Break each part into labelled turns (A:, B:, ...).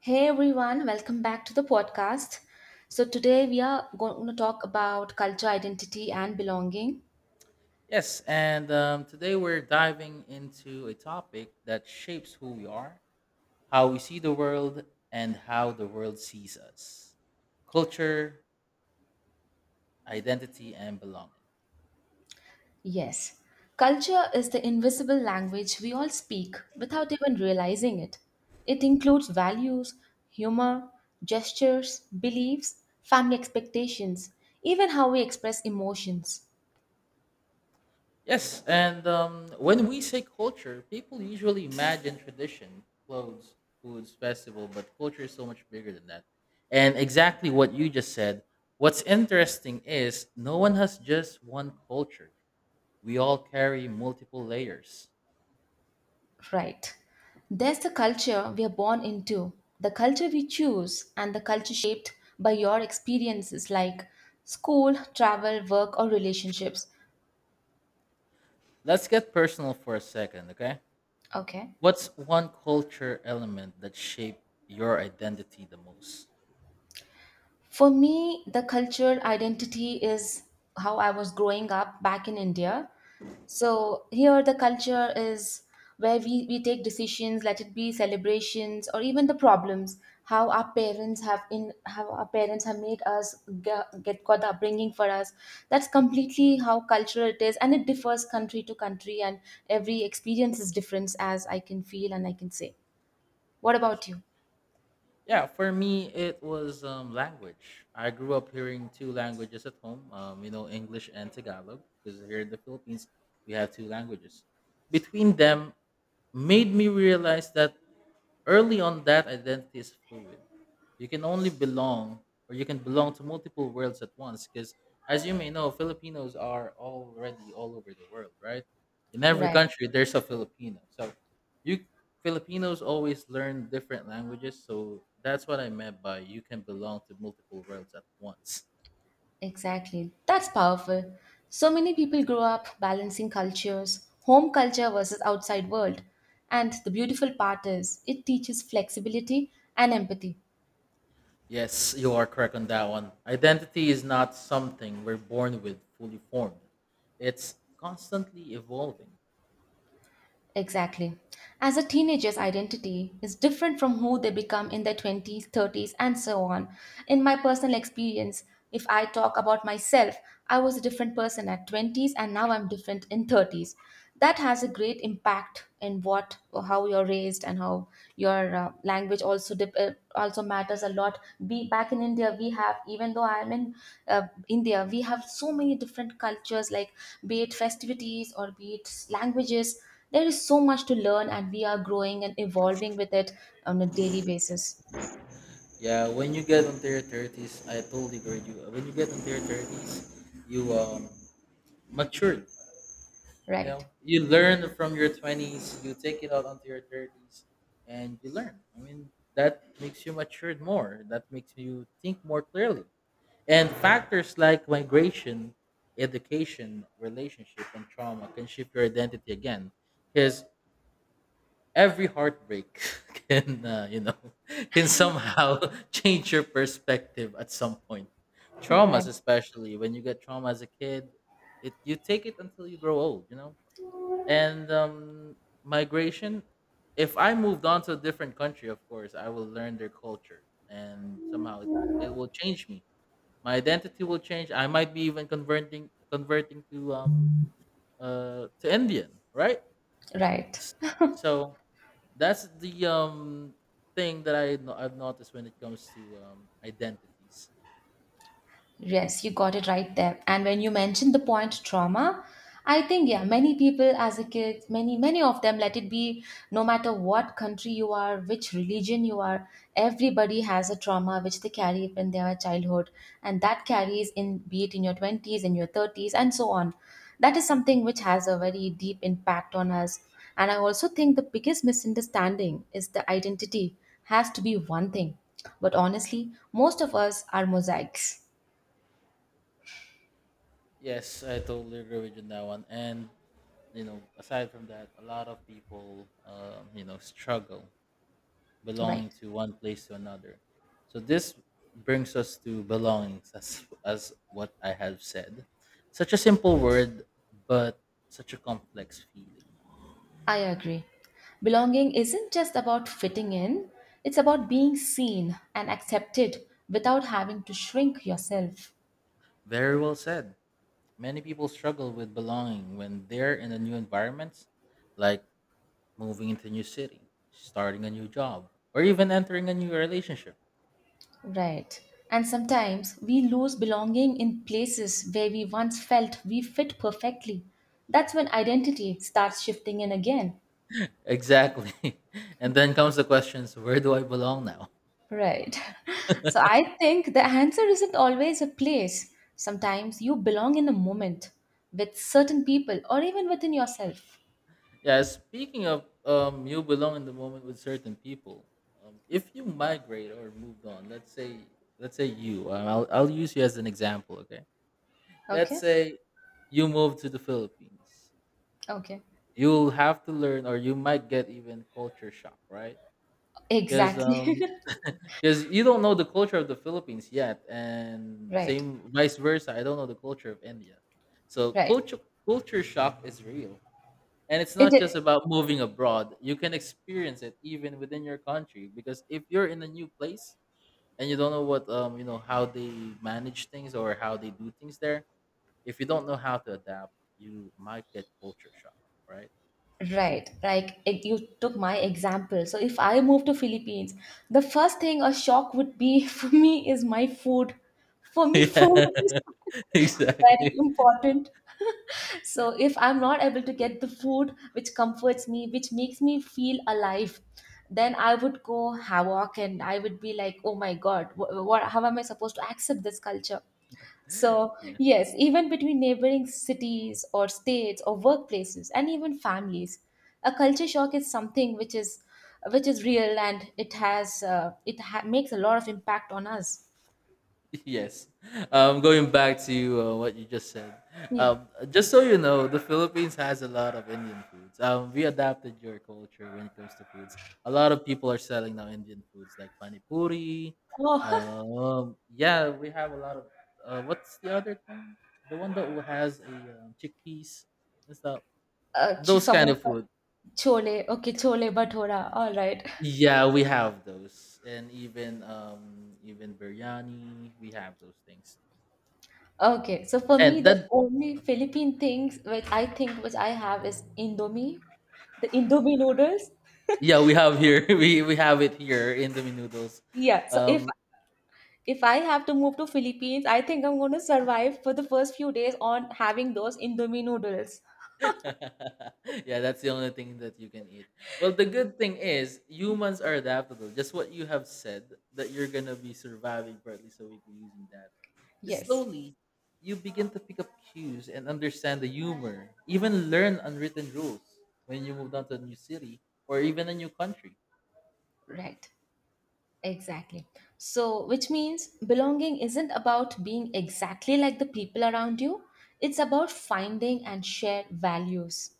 A: Hey everyone, welcome back to the podcast. So, today we are going to talk about culture, identity, and belonging.
B: Yes, and today we're diving into a topic that shapes who we are, how we see the world, and how the world sees us culture, identity, and belonging.
A: Yes, culture is the invisible language we all speak without even realizing it. It includes values, humor, gestures, beliefs, family expectations, even how we express emotions.
B: Yes, and when we say culture, people usually imagine tradition, clothes, foods, festival, but culture is so much bigger than that. And exactly what you just said, what's interesting is no one has just one culture, we all carry multiple layers.
A: Right. There's the culture we are born into, the culture we choose, and the culture shaped by your experiences like school, travel, work, or relationships.
B: Let's get personal for a second, okay?
A: Okay.
B: What's one culture element that shaped your identity the most?
A: For me, the cultural identity is how I was growing up back in India. So here, the culture is where we take decisions, let it be celebrations or even the problems, how our parents have in how our parents have made us get got the upbringing for us. That's completely how cultural it is, and it differs country to country, and every experience is different, as I can feel and I can say. What
B: Nice.
A: about you?
B: Yeah, for me, it was language. I grew up hearing two languages at home, English and Tagalog, because here in the Philippines, we have two languages. Between them, made me realize that early on, that identity is fluid. You can only belong, or you can belong to multiple worlds at once. Because, as you may know, Filipinos are already all over the world, right? In every
A: Right.
B: country, there's a Filipino. So, you Filipinos always learn different languages. So that's what I meant by you can belong to multiple worlds at once.
A: Exactly. That's powerful. So many people grow up balancing cultures, home culture versus outside world. And the beautiful part is it teaches flexibility and empathy.
B: Yes, you are correct on that one. Identity is not something we're born with fully formed. It's constantly evolving.
A: Exactly. As a teenager's identity is different from who they become in their 20s, 30s, and so on. In my personal experience, if I talk about myself, I was a different person at 20s and now I'm different in 30s. That has a great impact in what how you're raised and how your language also also matters a lot. Be back in India, we have even though I'm in uh, India, we have so many different cultures like be it festivities or be it languages there is so much to learn, and we are growing and evolving with it on a daily basis.
B: Yeah, when you get onto your thirties, I totally agree with you. When you get into your thirties, you mature. You
A: Right,
B: know, you learn from your twenties. You take it out onto your thirties, and you learn. I mean, that makes you matured more. That makes you think more clearly. And factors like migration, education, relationship, and trauma can shape your identity again. Because every heartbreak can can somehow change your perspective at some point, traumas
A: right,
B: especially when you get trauma as a kid, it you take it until you grow old. And migration, if I moved on to a different country, of course I will learn their culture and somehow it, it will change me. My identity will change. I might be even converting to Indian, right?
A: right.
B: S- so that's the thing that I no- I've noticed when it comes to identities.
A: Yes, you got it right there. And when you mentioned the point trauma, I think yeah, many people as a kid, many of them let it be no matter what country you are, which religion you are, everybody has a trauma which they carry in their childhood and that carries in be it in your 20s in your 30s and so on. That is something which has a very deep impact on us. And I also think the biggest misunderstanding is the identity has to be one thing. But honestly, most of us are mosaics.
B: Yes, I totally agree with you on that one. And you know, aside from that, a lot of people struggle
A: Right.
B: belonging to one place to another. So this brings us to belongings, as what I have said. Such a simple word, but such a complex feeling.
A: I agree. Belonging isn't just about fitting in, it's about being seen and accepted without having to shrink yourself.
B: Very well said. Many people struggle with belonging when they're in a new environment, like moving into a new city, starting a new job, or even entering a new relationship.
A: Right. And sometimes we lose belonging in places where we once felt we fit perfectly. That's when identity starts shifting in again.
B: Exactly. And then comes the questions, where do I belong now?
A: Right. So I think the answer isn't always a place. Sometimes you belong in a moment with certain people or even within yourself.
B: Yeah, speaking of you belong in the moment with certain people. If you migrate or moved on, let's say I'll use you as an example, okay? Let's
A: Okay?
B: say you move to the Philippines.
A: Okay.
B: You'll have to learn, or you might get even culture shock, right? Because
A: Exactly.
B: because you don't know the culture of the Philippines yet, and
A: Right.
B: same vice versa. I don't know the culture of India, so
A: Right.
B: culture shock is real, and it's
A: It
B: not just
A: i-
B: about moving abroad. You can experience it even within your country because if you're in a new place and you don't know what you know how they manage things or how they do things there, if you don't know how to adapt, you might get culture shock, right?
A: right. Like it, you took my example. So if I move to Philippines, the first thing a shock would be for me is my food. For me, food
B: Yeah,
A: is very
B: exactly.
A: important. So if I'm not able to get the food which comforts me, which makes me feel alive, then I would go havoc and I would be like, oh my God, how am I supposed to accept this culture? So,
B: Yeah.
A: yes, even between neighboring cities or states or workplaces and even families, a culture shock is something which is real and it has makes a lot of impact on us.
B: Yes. Going back to what you just said,
A: Yeah.
B: just so you know, the Philippines has a lot of Indian foods. We adapted your culture when it comes to foods. A lot of people are selling now Indian foods like panipuri.
A: Oh,
B: Yeah, we have a lot of. What's the other thing? The one that has a chickpeas and stuff. Those kind of
A: samosa,
B: food.
A: chole. Okay, chole bhatura. All right.
B: Yeah, we have those, and even biryani. We have those things
A: Okay. So for me,
B: and
A: the
B: that.
A: only Philippine things which I think which I have is Indomie, the Indomie noodles.
B: Yeah, we have here. We have it here in the noodles.
A: Yeah. So if
B: Um,
A: if I have to move to Philippines, I think I'm going to survive for the first few days on having those Indomie noodles.
B: yeah, that's the only thing that you can eat. Well, the good thing is humans are adaptable. Just what you have said that you're gonna be surviving for at least a week using that.
A: Yes,
B: Slowly, you begin to pick up cues and understand the humor. Even learn unwritten rules when you move down to a new city or even a new country.
A: right. Exactly. So, which means belonging isn't about being exactly like the people around you. It's about finding and shared values.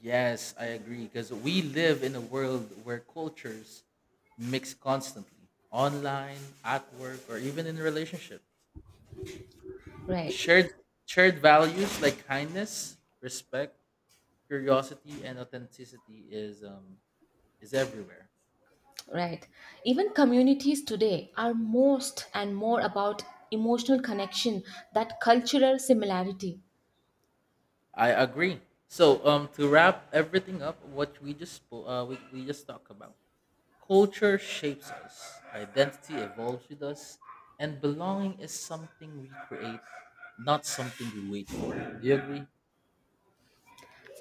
B: Yes, I agree. Because we live in a world where cultures mix constantly online, at work, or even in a relationship.
A: Right,
B: Shared, shared values like kindness, respect, curiosity, and authenticity is everywhere.
A: right. Even communities today are most and more about emotional connection, that cultural similarity.
B: I agree. So, to wrap everything up, what we just we just talked about. Culture shapes us, identity evolves with us, and belonging is something we create, not something we wait for. Do you agree?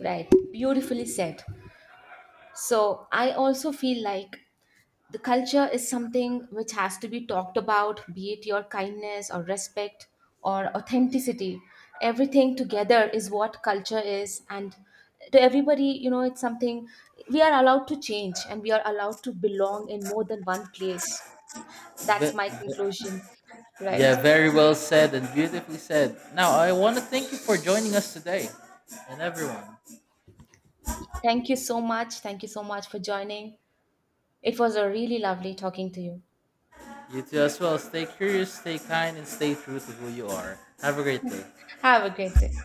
A: Right, beautifully said. So I also feel like the culture is something which has to be talked about, be it your kindness or respect or authenticity. Everything together is what culture is. And to everybody, you know, it's something we are allowed to change and we are allowed to belong in more than one place.
B: Ve-
A: That's my
B: ve-
A: conclusion. Right.
B: yeah, very well said and beautifully said. Now, I want to thank you for joining us today and everyone.
A: Thank you so much. Thank you so much for joining. It was a really lovely talking to you.
B: You too as well. Stay curious, stay kind, and stay true to who you are. Have a great day.
A: Have a great day.